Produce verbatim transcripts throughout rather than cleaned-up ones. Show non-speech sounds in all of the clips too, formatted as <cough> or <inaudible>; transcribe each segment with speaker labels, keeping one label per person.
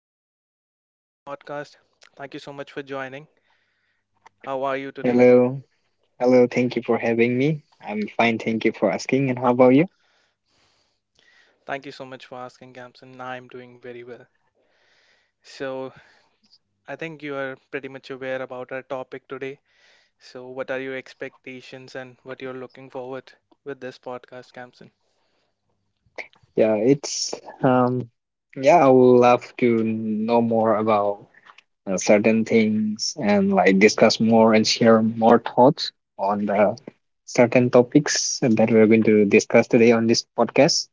Speaker 1: Welcome to the podcast. Thank you so much for joining. How are you today?
Speaker 2: Hello. Hello. Thank you for having me. I'm fine. Thank you for asking. And how about you?
Speaker 1: Thank you so much for asking, Kamsan. I'm doing very well. So, I think you are pretty much aware about our topic today. So, what are your expectations and what you're looking forward with this podcast, Kamsan?
Speaker 2: Yeah, it's um yeah, I would love to know more about uh, certain things and like discuss more and share more thoughts on the certain topics that we're going to discuss today on this podcast.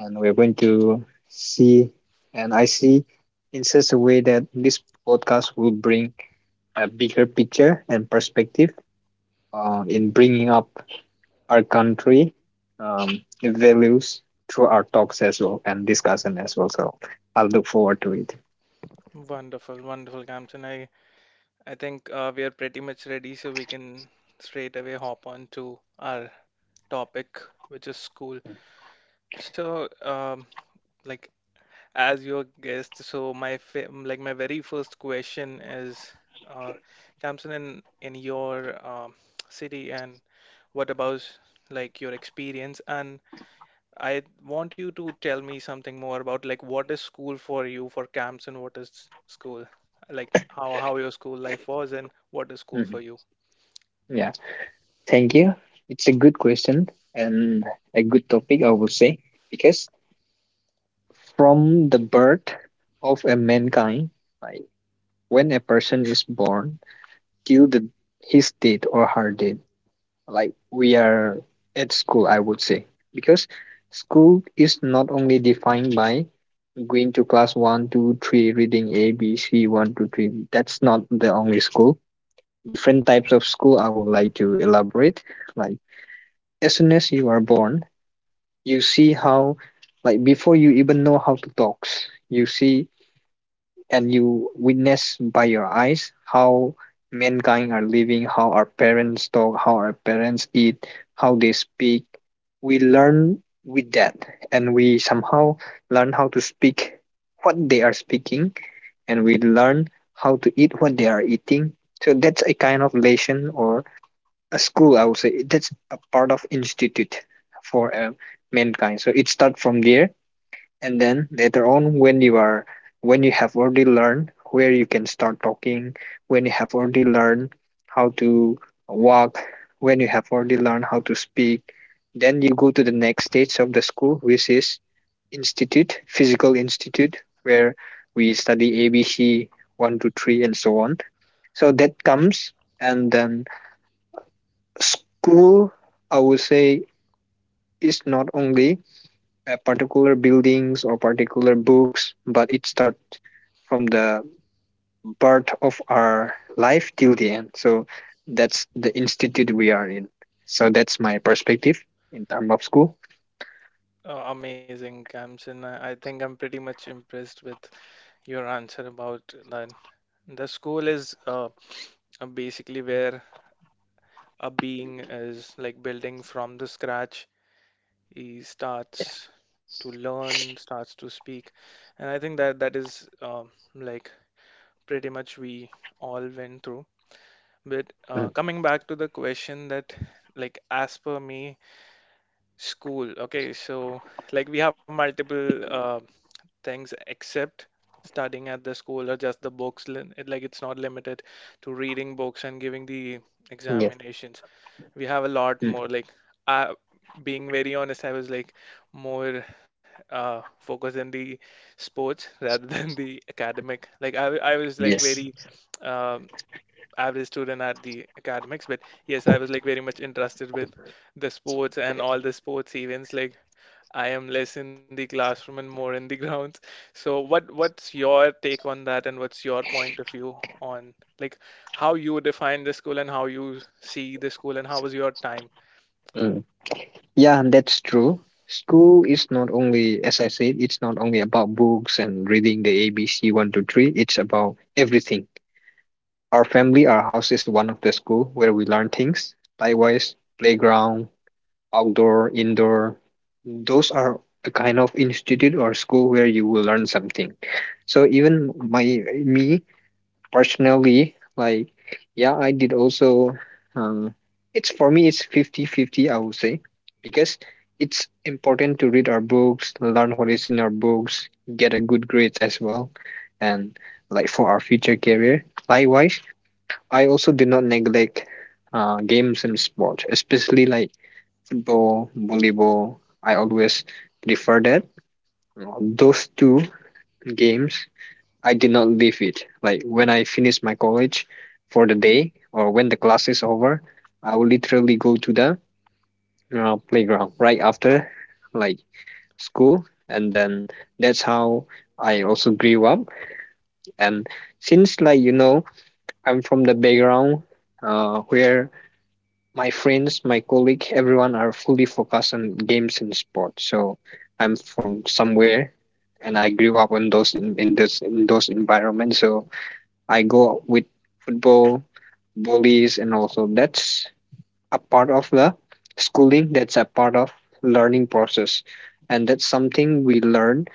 Speaker 2: And we're going to see and I see in such a way that this podcast will bring a bigger picture and perspective uh, in bringing up our country um, values through our talks as well and discussion as well. So I'll look forward to it.
Speaker 1: Wonderful, wonderful, Kamsan. I I think uh, we are pretty much ready, so we can straight away hop on to our topic, which is school. So, um, like as your guest, so my fa- like my very first question is, uh, Kamsun, in in your um, city, and what about like your experience? And I want you to tell me something more about like what is school for you, for Kamsun? What is school? Like how how your school life was, and what is school
Speaker 2: Mhm.
Speaker 1: for you?
Speaker 2: Yeah, thank you. It's a good question and a good topic, I would say, because from the birth of a mankind, like when a person is born till the his death or her death, like we are at school, I would say, because school is not only defined by going to class one, two, three, reading A B C, one, two, three. That's not the only school. Different types of school I would like to elaborate, like as soon as you are born, you see how, like before you even know how to talk, you see and you witness by your eyes how mankind are living, how our parents talk, how our parents eat, how they speak. We learn with that, and we somehow learn how to speak what they are speaking, and we learn how to eat what they are eating. So that's a kind of lesson or a school, I would say. That's a part of institute for uh, mankind. So it starts from there, and then later on when you are when you have already learned where you can start talking, when you have already learned how to walk, when you have already learned how to speak, then you go to the next stage of the school, which is institute physical institute, where we study ABC one, two, three, and so on. So that comes. And then school, I would say, is not only uh, particular buildings or particular books, but it starts from the birth of our life till the end. So that's the institute we are in. So that's my perspective in terms of school.
Speaker 1: Uh, amazing, Kamsun. I, I think I'm pretty much impressed with your answer about that. The school is uh, uh, basically where a being is like building from the scratch. He starts to learn, starts to speak, and I think that that is um, like pretty much we all went through. But
Speaker 2: Mm.
Speaker 1: uh, coming back to the question, that like as per me, school. Okay, so like we have multiple uh, things except studying at the school or just the books, li- it- like it's not limited to reading books and giving the
Speaker 2: Yes.
Speaker 1: examinations. We have a lot
Speaker 2: Mm.
Speaker 1: more. Like, I, being very honest, I was like more uh, focused in the sports <laughs> rather than the academic. Like, I, I was like very
Speaker 2: Yes.
Speaker 1: um, average student at the academics, but yes, I was like very much interested with the sports and all the sports events. Like, I am less in the classroom and more in the <laughs> grounds. So, what what's your take on that, and what's your point of view on like how you define the school and how you see the school, and how was your time?
Speaker 2: Mm. Yeah, that's true. School is not only, as I said, it's not only about books and reading the A B C one two three. It's about everything. Our family, our house is one of the school where we learn things. Likewise, playground, outdoor, indoor. Those are a kind of institute or school where you will learn something. So even my me personally, like yeah, I did also. Um, it's for me, it's fifty-fifty, I would say, because it's important to read our books, learn what is in our books, get a good grades as well, and like for our future career. Likewise, I also do not neglect uh, games and sport, especially like football, volleyball. I always prefer that. Those two games, I did not leave it. Like when I finish my college for the day or when the class is over, I will literally go to the uh, playground right after like school, and then that's how I also grew up. And since like you know, I'm from the background uh, where my friends, my colleague, everyone are fully focused on games and sports. So I'm from somewhere and I grew up in those in, in this in those environments. So I go with football, bullies, and also that's a part of the schooling, that's a part of learning process. And that's something we learn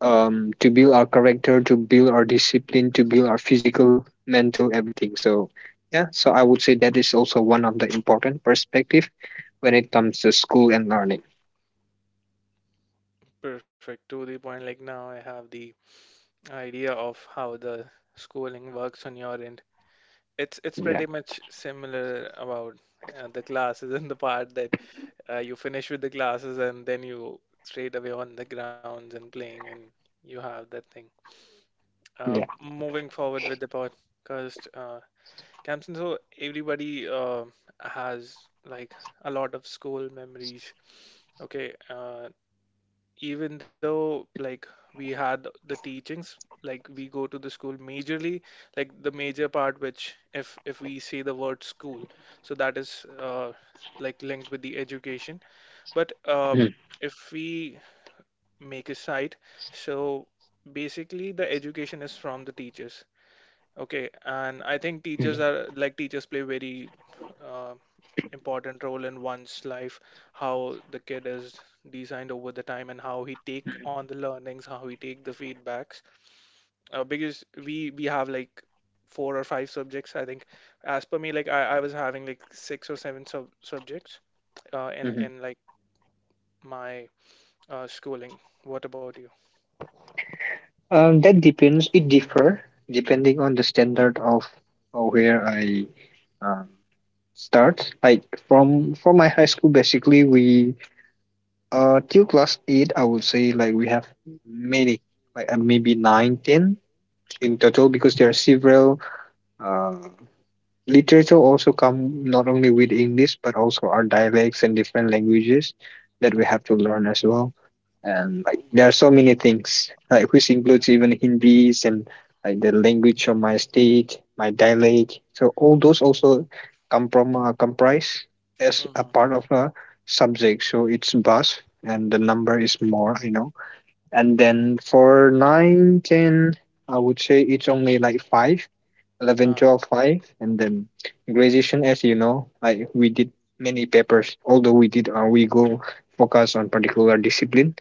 Speaker 2: um, to build our character, to build our discipline, to build our physical, mental, everything. So yeah, so I would say that is also one of the important perspective when it comes to school and learning.
Speaker 1: Perfect. To the point, like now I have the idea of how the schooling works on your end. It's it's
Speaker 2: Yeah,
Speaker 1: pretty much similar about uh, the classes, <laughs> and the part that uh, you finish with the classes and then you straight away on the grounds and playing, and you have that thing. Uh,
Speaker 2: yeah.
Speaker 1: moving forward with the podcast, uh, Kamsen, so everybody uh, has like a lot of school memories. Okay, uh, even though like we had the teachings, like we go to the school majorly, like the major part which, if if we say the word school, so that is uh, like linked with the education. But uh,
Speaker 2: Mhm,
Speaker 1: if we make a site, so basically the education is from the teachers. Okay, and I think teachers
Speaker 2: mhm,
Speaker 1: are like teachers play very uh, important role in one's life, how the kid is designed over the time and how he take on the learnings, how he take the feedbacks. Uh, because we we have like four or five subjects, I think. As per me, like I, I was having like six or seven sub subjects uh, in
Speaker 2: mhm.
Speaker 1: in like my uh, schooling. What about you?
Speaker 2: Um, that depends. It differ depending on the standard of of where I um, start. Like
Speaker 1: Mhm.
Speaker 2: from from my high school, basically we uh till class eight, I would say like we have many, like uh, maybe nine, ten in total, because there are several uh, literature also come, not only with
Speaker 1: Mhm.
Speaker 2: English but also our dialects and different languages that we
Speaker 1: Uh-huh.
Speaker 2: have to learn as well. And like there are so many things, like which
Speaker 1: Yeah.
Speaker 2: includes even Hindis and like the language of my state, my dialect. So all those also come from uh, comprise as a
Speaker 1: Mm-hmm.
Speaker 2: part of a subject. So it's vast and the number is more, I know. And then for nine ten, I would say it's only like five,
Speaker 1: Uh,
Speaker 2: eleven twelve five. And then graduation, as you know, like we did many
Speaker 1: mhm,
Speaker 2: papers, although we did, uh, we go focus on particular discipline,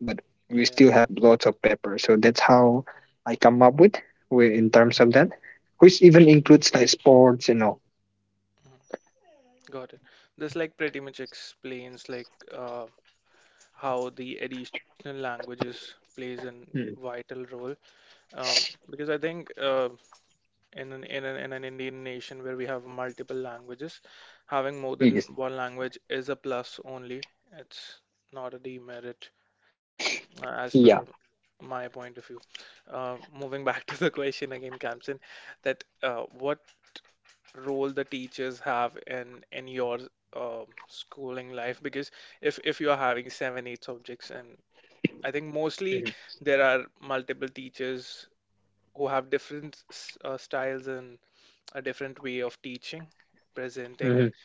Speaker 2: but
Speaker 1: Yeah.
Speaker 2: we still have lots of papers. So that's how I come up with wi- in terms of that, which
Speaker 1: Mm-hmm.
Speaker 2: even includes like sports and all.
Speaker 1: Got it. This like pretty much explains like uh, how the additional languages plays an
Speaker 2: Mm.
Speaker 1: vital role, um, because I think uh, in an, in an in an Indian nation where we have multiple languages, having more than
Speaker 2: Yes.
Speaker 1: one language is a plus only. It's not a demerit, uh, as per
Speaker 2: Yeah.
Speaker 1: my point of view. Uh, moving back <laughs> to the question again, Kamsin, that uh, what role the teachers have in in your um schooling life? Because if if you are having seven, eight subjects, and I think mostly
Speaker 2: Mm-hmm.
Speaker 1: there are multiple teachers who have different s- uh, styles and a different way of teaching,
Speaker 2: Mm-hmm.
Speaker 1: presenting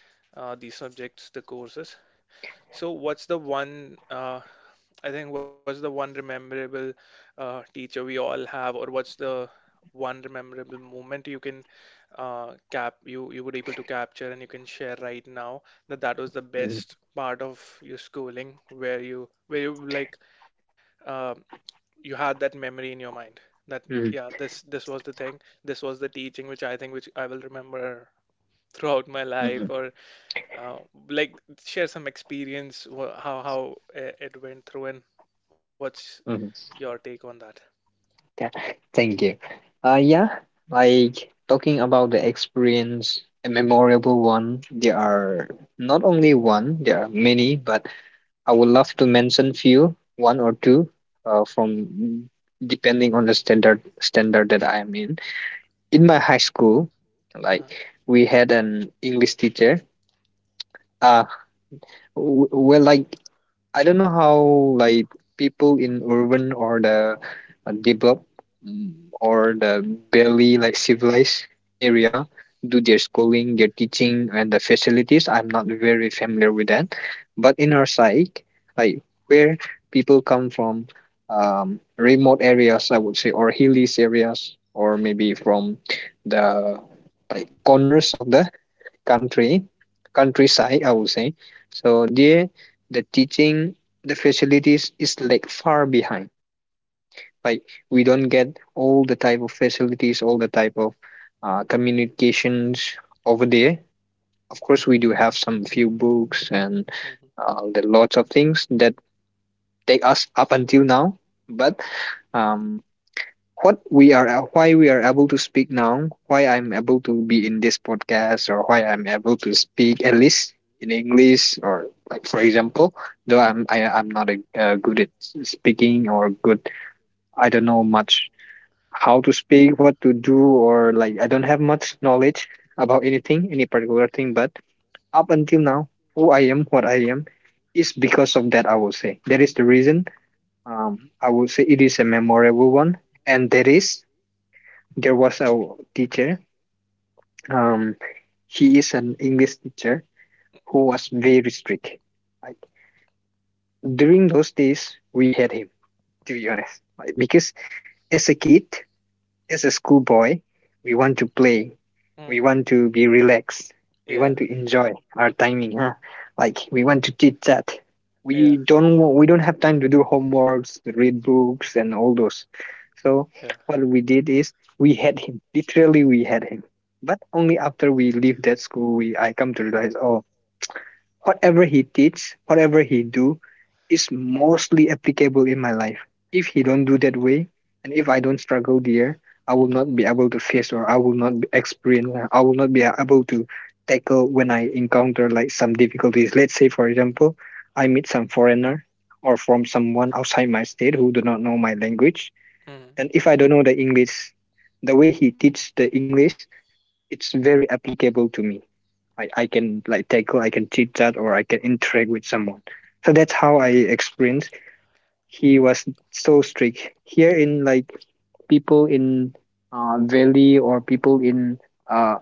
Speaker 1: uh, these subjects, the courses. So what's the one, uh, I think, what's the one memorable uh, teacher we all have, or what's the one memorable moment you can uh, cap you you were able to capture and you can share right now that that was the best part of your schooling where you, where you like uh, you had that memory in your mind, that yeah,
Speaker 2: Mm-hmm.
Speaker 1: this this was the thing, this was the teaching which I think which I will remember throughout my
Speaker 2: Mm-hmm.
Speaker 1: life? Or uh, like share some experience. wh- how how uh, it went through, and what's your take on that?
Speaker 2: Yeah, <laughs> thank you. Uh, yeah, like talking about the experience, a memorable one. There are not only one, there are many, but I would love to mention few, one or two, uh, from depending on the standard standard that I am in. In my high school,
Speaker 1: Uh-huh.
Speaker 2: like we had an English teacher. Uh, W- Well, like I don't know how, like people in urban or the uh, developed, mm, or the barely like civilized
Speaker 1: Mm-hmm.
Speaker 2: area do their schooling, their teaching, and the facilities. I'm not very familiar with that, but in our side, like where people come from, um, remote areas, I would say, or hilly areas, or maybe from the like corners of the country countryside, I would say. So there, the teaching the facilities is like far behind. Like we don't get all the type of facilities, all the type of uh, communications over there. Of course we do have some few books and uh, the lots of things that take us up until now. But um, what we are why we are able to speak now, why I'm able to be in this podcast, or why I'm able to speak at least in English. Or like for example, though i'm I, i'm not a, uh, good at speaking or good I don't know much how to speak, what to do, or like I don't have much knowledge about anything any particular thing. But up until now, who I am, what I am, is because of that, I will say. That is the reason. um, I will say it is a memorable one. And that is There was a teacher. Um, he is an English teacher who was very strict. Like during those days, we had him, to be honest, like, because as a kid, as
Speaker 1: Mm-hmm.
Speaker 2: a schoolboy, we want to play,
Speaker 1: Mm.
Speaker 2: we want to be relaxed, we
Speaker 1: Yeah,
Speaker 2: want to enjoy our timing, huh? Like we want to chit chat.
Speaker 1: yeah,
Speaker 2: We don't wa- we don't have time to do homeworks, to read books, and all those.
Speaker 1: yeah.
Speaker 2: So what we did is we had him. Literally, we had him. But only after we leave that school, we I come to realize, oh, whatever he teach, whatever he do is mostly applicable in my life. If he don't do that way, and if I don't struggle there, I will
Speaker 1: Mm-hmm.
Speaker 2: not be able to face, or I will not be experience, I will not be able to tackle when I encounter like some difficulties. Let's say, for example, I meet some foreigner or from someone outside my state who do not know my language.
Speaker 1: Mm-hmm.
Speaker 2: And if I don't know the English, the way he teach the English, it's very applicable to me. I, I can like tackle, I can teach that, or I can interact with someone. So that's how I experienced. He was so strict. Here in, like people in uh, valley or people in uh,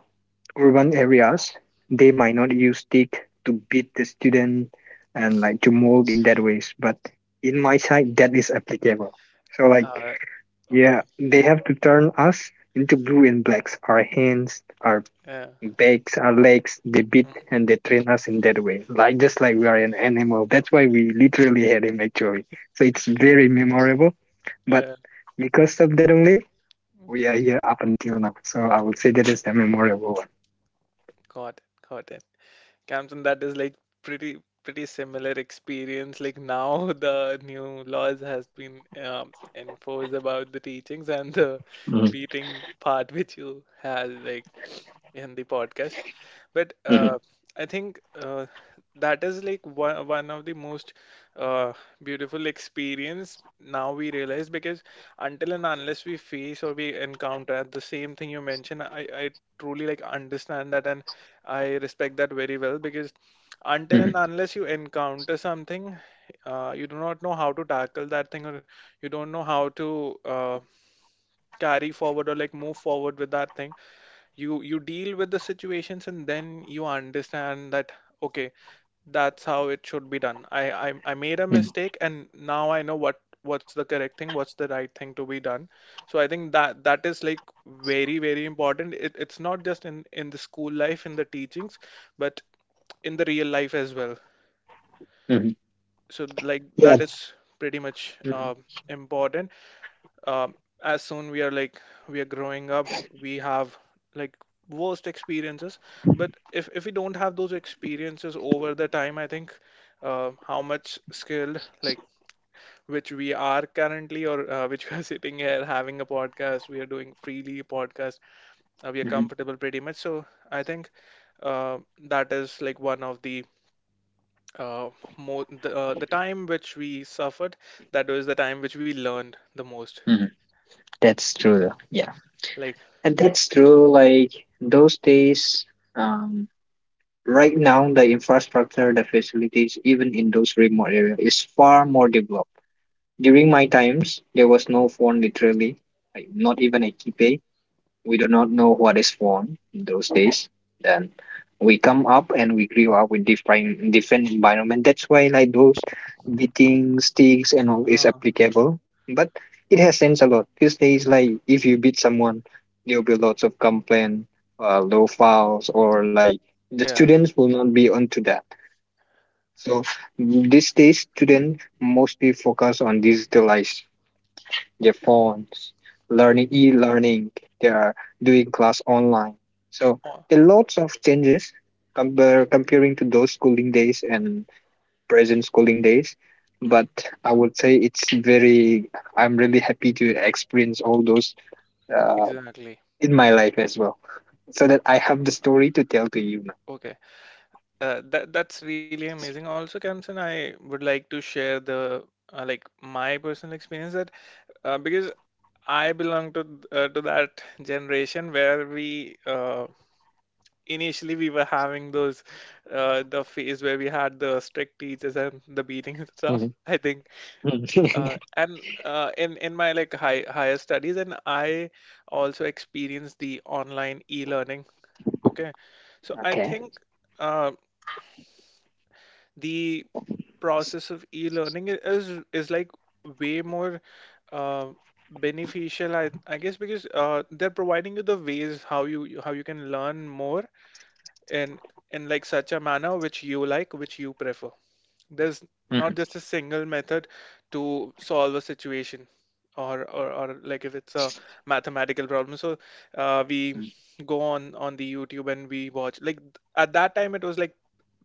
Speaker 2: urban areas, they might not use stick to beat the student and like to mold in that ways. But in my side, that is applicable. So like
Speaker 1: Uh, okay.
Speaker 2: yeah, they have to turn us into blue and blacks, our hands, our
Speaker 1: Yeah.
Speaker 2: backs, our legs, they beat
Speaker 1: Mm.
Speaker 2: and they train us in that way. Like just like we are an animal. That's why we literally had him actually. So it's very memorable. But
Speaker 1: Yeah.
Speaker 2: because of that only, we are here up until now. So I would say that is the memorable
Speaker 1: Got it. Got it. Camden, that is like pretty pretty similar experience. Like now <laughs> the new laws has been um, enforced about the teachings and the
Speaker 2: one.
Speaker 1: beating part which you had like in the podcast. But
Speaker 2: Mm-hmm. Mm-hmm.
Speaker 1: uh, I think uh, that is like one, one of the most uh, beautiful experience now we realize, because until and unless we face or we encounter the same thing you mentioned, I, I truly like understand that, and I respect that very well. Because until
Speaker 2: Mm-hmm.
Speaker 1: and unless you encounter something, uh, you do not know how to tackle that thing, or you don't know how to uh, carry forward or like move forward with that thing. You you deal with the situations and then you understand that, okay, that's how it should be done. I I, I made a mistake and now I know what what's the correct thing, what's the right thing to be done. So I think that that is like very very important. It, it's not just in in the school life in the teachings, but in the real life as well.
Speaker 2: Mm-hmm. Mm-hmm.
Speaker 1: So like
Speaker 2: Yeah.
Speaker 1: that is pretty much
Speaker 2: Mm-hmm.
Speaker 1: uh, important. Um, as soon we are like we are growing up, we have like worst experiences. But if if we don't have those experiences over the time, I think uh, how much skilled like which we are currently, or uh, <laughs> which we are sitting here having a podcast, we are doing freely a podcast, uh, we are
Speaker 2: Mm-hmm.
Speaker 1: comfortable pretty much. So I think uh, that is like one of the uh, more the, uh, the time which we suffered, that was the time which we learned the most.
Speaker 2: Mm-hmm. That's true, though. Yeah.
Speaker 1: Like,
Speaker 2: And that's true. Like those days, um, right now, the infrastructure, the facilities, even in those remote areas, is far more developed. During my times, there was no phone literally, like not even a keypad. We do not know what is phone in those days. Then we come up and we grew up with different different environment. That's why like those beating sticks and all is
Speaker 1: uh,
Speaker 2: applicable. But it has sense a lot. These days, like
Speaker 1: okay.
Speaker 2: if you beat someone, there will be lots of complaint, uh, low files, or like the
Speaker 1: Yeah,
Speaker 2: students will not be onto that. So these days, students mostly focus on digitalized their phones, learning e-learning, they are doing class online. So
Speaker 1: oh,
Speaker 2: there are lots of changes compare, comparing to those schooling days and present schooling days. But
Speaker 1: mm,
Speaker 2: I would say it's very. I'm really happy to experience all those uh,
Speaker 1: exactly.
Speaker 2: in my life as well, so that I have the story to tell to you.
Speaker 1: Okay, uh, that that's really amazing. Also, Kamsen, I would like to share the uh, like my personal experience that, uh, because I belong to th- uh, to that generation where we uh, initially we were having those uh, the phase where we had the strict teachers and the beatings and stuff.
Speaker 2: Mhm.
Speaker 1: <laughs> I think uh,
Speaker 2: <laughs>
Speaker 1: and uh, in in my like high, higher studies, and I also experienced the online e-learning. Okay, so I
Speaker 2: Okay.
Speaker 1: think uh, the process of e-learning i- is is like way more uh, beneficial, I, I guess, because uh, they're providing you the ways how you, how you can learn more in in like such a manner which you like, which you prefer. There's not
Speaker 2: Mhm.
Speaker 1: just a single method to solve a situation, or, or, or like if it's a mathematical problem. So uh, we go on on the YouTube and we watch. Like at that time, it was like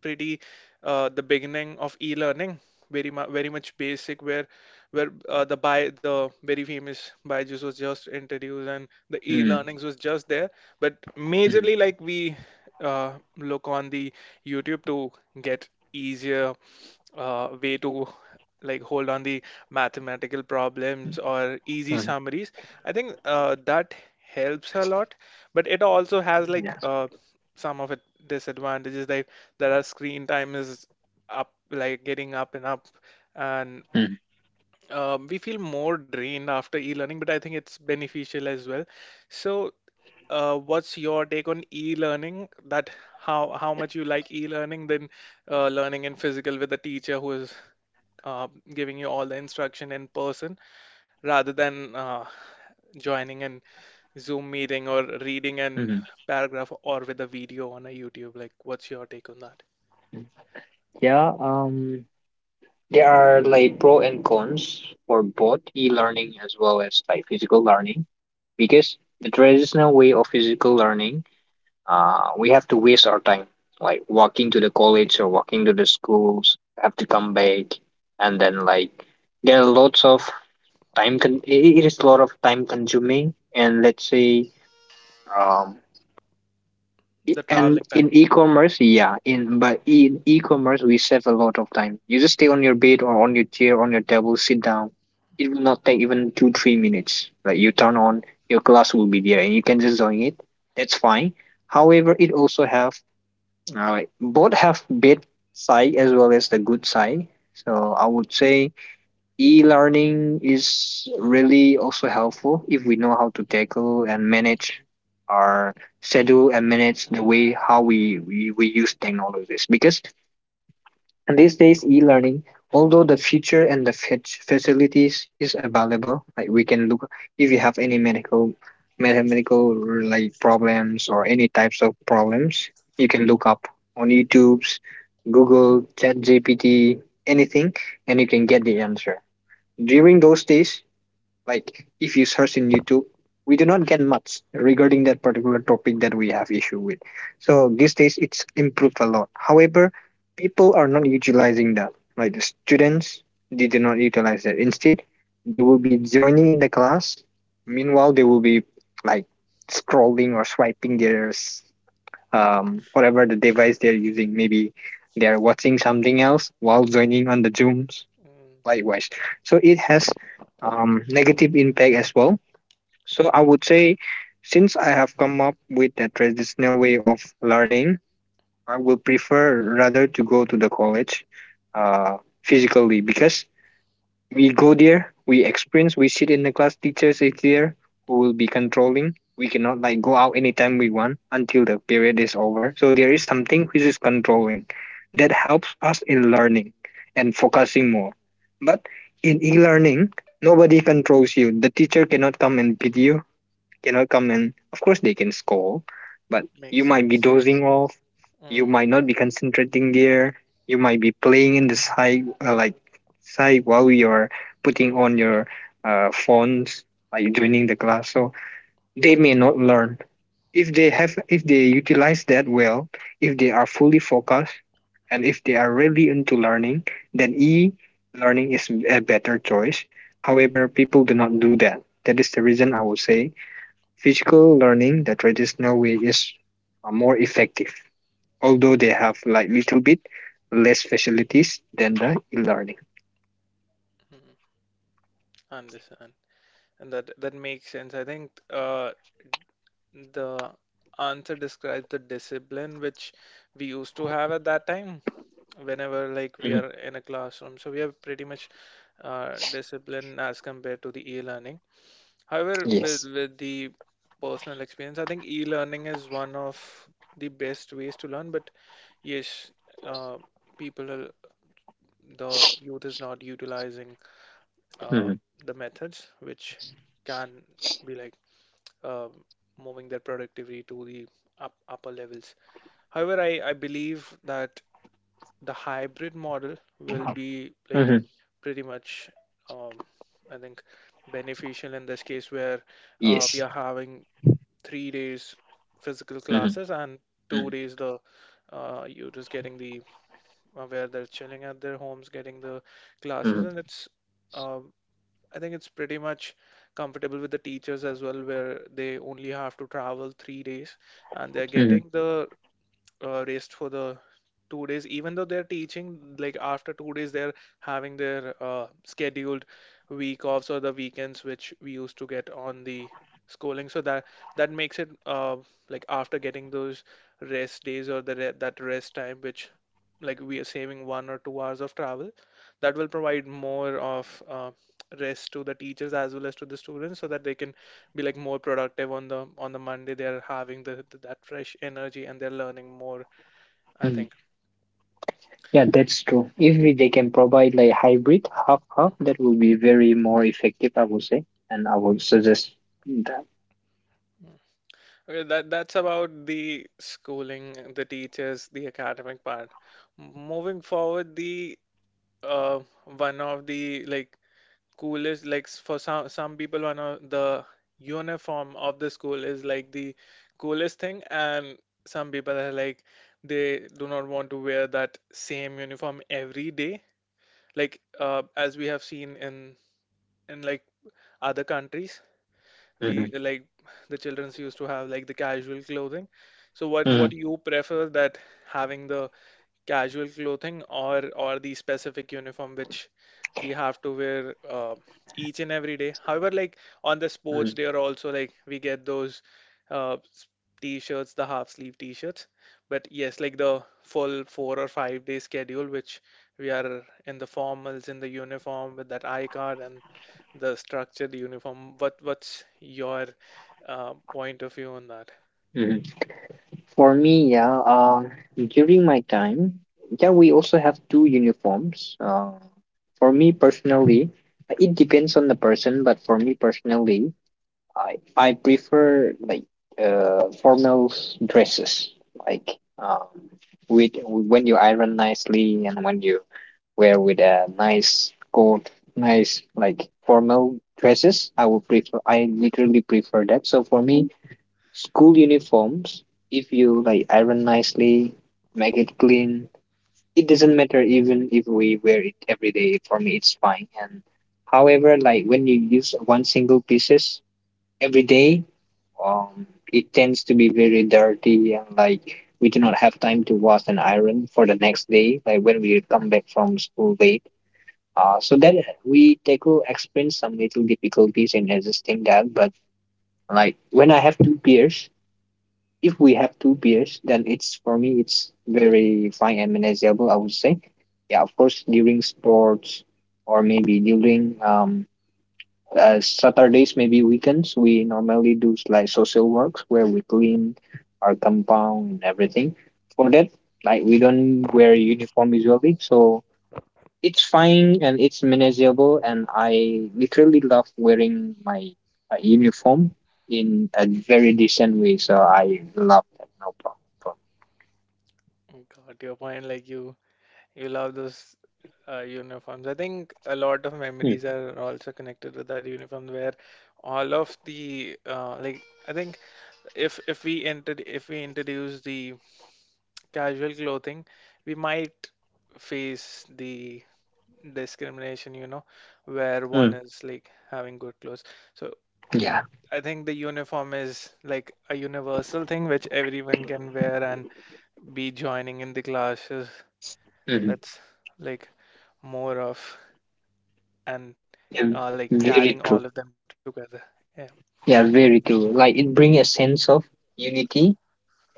Speaker 1: pretty uh, the beginning of e-learning, very mu very much basic, where where uh, the, by the very famous Byju's was just introduced, and the
Speaker 2: Mm,
Speaker 1: e-learnings was just there. But
Speaker 2: mm,
Speaker 1: majorly, like we uh, look on the YouTube to get easier uh, way to like hold on the mathematical problems or easy
Speaker 2: mm.
Speaker 1: summaries. I think uh, that helps a lot, but it also has
Speaker 2: Yeah.
Speaker 1: like uh, some of it disadvantages. Like that our screen time is up, like getting up and up, and
Speaker 2: Mm,
Speaker 1: um, we feel more drained after e-learning. But I think it's beneficial as well. So uh, what's your take on e-learning? That how how much you like e-learning than uh, learning in physical with a teacher who is uh, giving you all the instruction in person, rather than uh, joining in Zoom meeting or reading an
Speaker 2: mm.
Speaker 1: paragraph, or with a video on a YouTube. Like, what's your take on that?
Speaker 2: Yeah. Um. There are like pro and cons for both e-learning as well as like physical learning because the traditional way of physical learning, uh, we have to waste our time like walking to the college or walking to the schools, have to come back, and then like there are lots of time. Con- it it is a lot of time consuming, and let's say um,
Speaker 1: The
Speaker 2: E- And
Speaker 1: traveling
Speaker 2: in
Speaker 1: time.
Speaker 2: e-commerce, yeah, in but in e-commerce we save a lot of time. You just stay on your bed or on your chair, on your table, sit down. It will not take even two, three minutes. Like you turn on, your class will be there, and you can just join it. That's fine. However, it also have uh, both have bad side as well as the good side. So I would say e-learning is really also helpful if we know how to tackle and manage our schedule and manage the way how we, we, we use technologies because these days e-learning although the future and the fac- facilities is available like we can look if you have any medical mathematical like problems or any types of problems you can look up on youtube's google chat gpt anything and you can get the answer during those days, like if you search in YouTube, we do not get much regarding that particular topic that we have issue with. So these days it's improved a lot. However, people are not utilizing that. Like the students, they do not utilize that. Instead, they will be joining in the class. Meanwhile, they will be like scrolling or swiping their um, whatever the device they're using. Maybe they're watching something else while joining on the Zooms
Speaker 1: Mm.
Speaker 2: likewise. So it has um, negative impact as well. So I would say since I have come up with a traditional way of learning, I will prefer rather to go to the college uh, physically because we go there, we experience, we sit in the class, teachers is there who will be controlling. We cannot like go out anytime we want until the period is over. So there is something which is controlling that
Speaker 1: Mm,
Speaker 2: helps us in learning and focusing more. But in e-learning, nobody controls you. The teacher cannot come and beat you cannot come and of course they can score, but you
Speaker 1: makes
Speaker 2: might be
Speaker 1: sense.
Speaker 2: dozing off, you
Speaker 1: Mm.
Speaker 2: might not be concentrating there, you might be playing in the side uh, like side while you're putting on your uh, phones like joining the class. So they may not learn. If they have if they utilize that well, if they are fully focused and if they are really into learning, then e learning is a better choice. However, people do not do that. That is the reason I would say physical learning, the traditional way, is uh, more effective, although they have like little bit less facilities than the e-learning.
Speaker 1: Mm, understand. And that that makes sense. I think uh, the answer describes the discipline which we used to have at that time, whenever like we
Speaker 2: Mhm.
Speaker 1: are in a classroom. So we have pretty much uh, discipline as compared to the e-learning. However, with
Speaker 2: Yes.
Speaker 1: with the personal experience, I think e-learning is one of the best ways to learn, but yes, uh, people are, the youth is not utilizing uh,
Speaker 2: Hmm.
Speaker 1: the methods which can be like um, moving their productivity to the up, upper levels. However, I, I believe that the hybrid model will be like
Speaker 2: Hmm.
Speaker 1: pretty much, um, I think, beneficial in this case where uh, we
Speaker 2: Yes.
Speaker 1: are having three days physical classes
Speaker 2: Hmm.
Speaker 1: and two
Speaker 2: Hmm.
Speaker 1: days the uh, you're just getting the uh, where they're chilling at their homes, getting the classes,
Speaker 2: Hmm.
Speaker 1: and it's uh, I think it's pretty much comfortable with the teachers as well, where they only have to travel three days and they're
Speaker 2: Hmm.
Speaker 1: getting the uh, rest for the two days, even though they're teaching, like after two days, they're having their uh, scheduled week offs or the weekends, which we used to get on the schooling. So that that makes it uh, like after getting those rest days or the re that rest time, which like we are saving one or two hours of travel, that will provide more of uh, rest to the teachers as well as to the students, so that they can be like more productive on the on the Monday. They're having the, the that fresh energy and they're learning more, I
Speaker 2: Hmm.
Speaker 1: think.
Speaker 2: Yeah, that's true. If we- they can provide like hybrid half half,
Speaker 1: Mm.
Speaker 2: that will be very more effective, I would say, and I would suggest that.
Speaker 1: Okay, that that's about the schooling, the teachers, the academic part. M- Moving forward, the uh one of the, like, coolest, like, s- for some some people, one of the uniform of the school is like the coolest thing, and some people are like, they do not want to wear that same uniform every day. Like, uh as we have seen in in like other countries, we,
Speaker 2: Hmm.
Speaker 1: like, the childrens used to have like the casual clothing. So what what
Speaker 2: Hmm.
Speaker 1: you prefer, that having the casual clothing, or or the specific uniform which we have to wear uh, each and every day? However, like on the sports day, or also like we get those uh, s- t-shirts, the half sleeve t-shirts. But yes, like the full four or five day schedule which we are in the formals, in the uniform with that eye card and the structured uniform. What what's your uh, point of view on that?
Speaker 2: Hmm. For me, yeah, um, during my time, yeah, we also have two uniforms. Uh, for me personally, it depends on the person, but for me personally, I I prefer like uh formal dresses, like um with when you iron nicely and when you wear with a nice coat, nice like formal dresses. I would prefer. I literally prefer that. So for me, school uniforms, if you like iron nicely, make it clean, it doesn't matter even if we wear it every day. For me, it's fine. And however, like when you use one single pieces every day, um, it tends to be very dirty and like we do not have time to wash and iron for the next day, like when we come back from school late. Uh, so that we tackle experience some little difficulties in adjusting that, but like when I have two peers, if we have two beers, then it's for me it's very fine and manageable. I would say, yeah, of course during sports or maybe during um uh, Saturdays maybe weekends we normally do like social works where we clean our compound and everything. For that, like we don't wear uniform usually, so it's fine and it's manageable and I literally love wearing my uh, uniform in a very decent way so I love that no problem.
Speaker 1: Oh, your point, like you You love those uh, uniforms. I think a lot of
Speaker 2: Mm,
Speaker 1: memories are also connected with that uniform where all of the, uh, like, I think, if if we inter if we introduce the casual clothing, we might face the discrimination, you know, where one
Speaker 2: mm,
Speaker 1: is like having good clothes. So
Speaker 2: yeah.
Speaker 1: I think the uniform is like a universal thing which everyone can wear and be joining in the classes.
Speaker 2: Mhm.
Speaker 1: That's like more of, and
Speaker 2: Yeah,
Speaker 1: uh, like, carrying
Speaker 2: very
Speaker 1: all of
Speaker 2: true.
Speaker 1: them together. Yeah,
Speaker 2: Yeah, very true, like it brings a sense of unity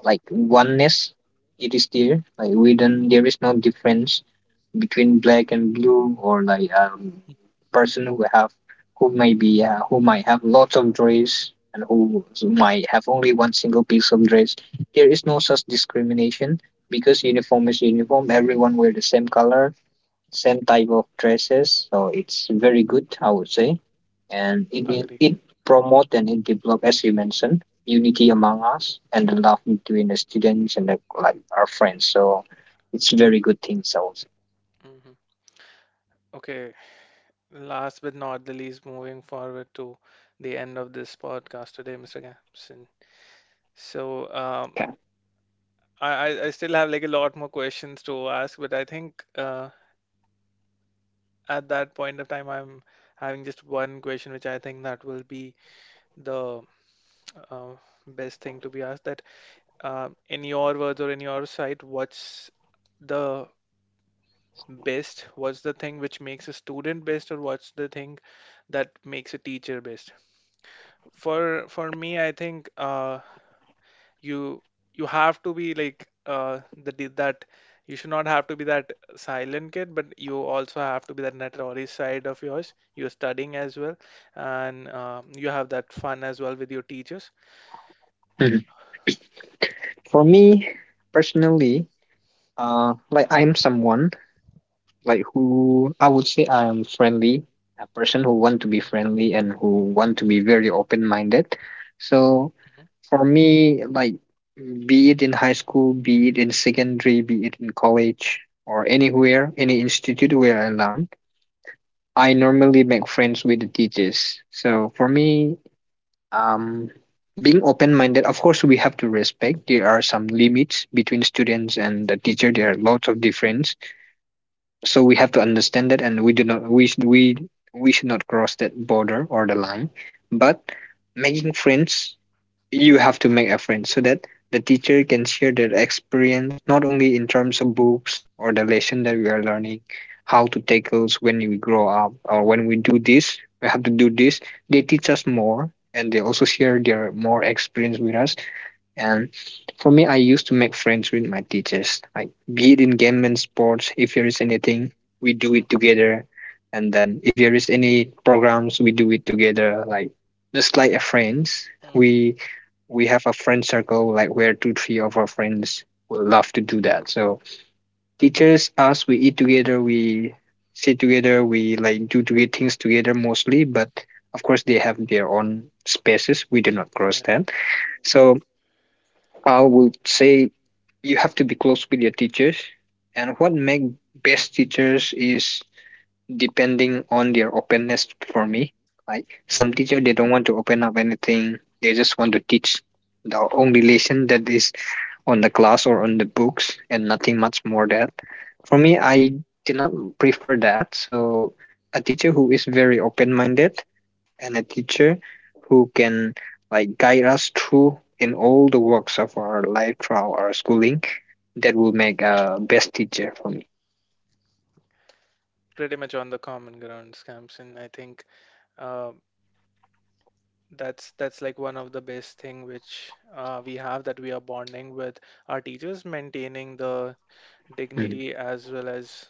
Speaker 2: like
Speaker 1: mm,
Speaker 2: oneness. It is there like we don't there is no difference between black and blue or like um person who have who may be uh, who might have lots of dress and who might have only one single piece of dress. There is no such discrimination because uniform is uniform everyone wear the same color same type of dresses. So it's very good, I would say, and it it
Speaker 1: agreed.
Speaker 2: it promote and it develop as you mentioned unity among us and the love between the students and the, like our friends. So it's very good things, I would say.
Speaker 1: Hmm. Okay, last but not the least, moving forward to the end of this podcast today, Mister Gamson. So,
Speaker 2: Yeah.
Speaker 1: um, I, I I still have like a lot more questions to ask, but I think, uh, at that point of time, I'm having just one question, which I think that will be the uh, best thing to be asked. That, uh, in your words or in your sight, what's the best? What's the thing which makes a student best, or what's the thing that makes a teacher best? For for me, I think uh, you you have to be like, uh, the di- that you should not have to be that silent kid, but you also have to be that notorious side of yours. You're studying as well, and uh, you have that fun as well with your teachers.
Speaker 2: Mhm. For me personally, uh, like I'm someone like who I would say I am friendly, a person who want to be friendly and who want to be very open minded. So
Speaker 1: Mhm,
Speaker 2: for me, like be it in high school, be it in secondary, be it in college or anywhere, any institute where I learn, I normally make friends with the teachers. So for me, um being open minded, of course we have to respect there are some limits between students and the teacher. There are lots of difference so we have to understand that and we do not we should we we should not cross that border or the line but making friends you have to make a friend so that the teacher can share their experience not only in terms of books or the lesson that we are learning how to tackle when we grow up or when we do this we have to do this they teach us more and they also share their more experience with us and for me, I used to make friends with my teachers, like be it in game and sports. If there is anything, we do it
Speaker 1: mhm,
Speaker 2: together. And then if there is any programs, we do it together. Like just like a friends,
Speaker 1: mhm,
Speaker 2: we we have a friend circle, like where two, three of our friends will love to do that. So teachers, us, we eat together, we sit together, we like do do things together mostly. But of course, they have their own spaces. We do not cross
Speaker 1: yeah,
Speaker 2: that. So I would say you have to be close with your teachers. And what make best teachers is depending on their openness for me. Like
Speaker 1: mhm.
Speaker 2: some teacher they don't want to open up anything. They just want to teach the only lesson that is on the class or on the books and nothing much more that. For me I did not prefer that. So a teacher who is very open minded and a teacher who can like guide us through in all the works of our life throughout our schooling. That will make a best teacher for me.
Speaker 1: Pretty much on the common ground, Samson, I think. uh, That's that's like one of the best thing which, uh, we have, that we are bonding with our teachers, maintaining the
Speaker 2: Mm,
Speaker 1: dignity as well as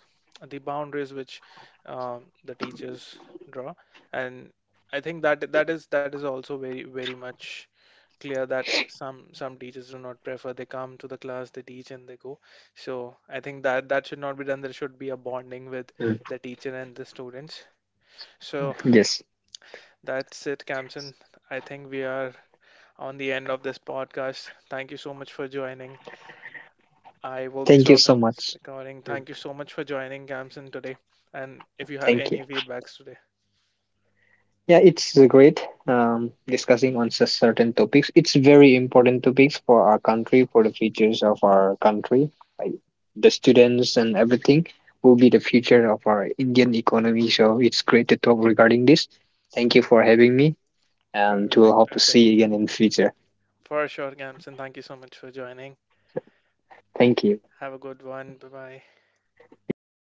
Speaker 1: the boundaries which, um, the teachers draw. And I think that that is that is also very very much clear that some some teachers do not prefer. They come to the class, they teach, and they go. So I think that that should not be done. There should be a bonding with
Speaker 2: mm,
Speaker 1: the teacher and the students. So
Speaker 2: yes.
Speaker 1: that's it, Kamsen. I think we are on the end of this podcast. Thank you so much for joining. I will be
Speaker 2: Thank you
Speaker 1: stopping
Speaker 2: so
Speaker 1: this
Speaker 2: much.
Speaker 1: recording.
Speaker 2: Mm.
Speaker 1: Thank you so much for joining Gamson today. And if you have
Speaker 2: Thank you.
Speaker 1: any feedbacks today,
Speaker 2: Yeah, it's uh, great um, discussing on cer- certain topics. It's very important topics for our country, for the futures of our country. Like the students and everything will be the future of our Indian economy. So it's great to talk regarding this. Thank you for having me. And we'll
Speaker 1: perfect,
Speaker 2: hope to see
Speaker 1: perfect.
Speaker 2: you again in the future.
Speaker 1: For sure, Gamson, thank you so much for joining.
Speaker 2: Thank you.
Speaker 1: Have a good one. Bye bye.
Speaker 2: You too. Bye.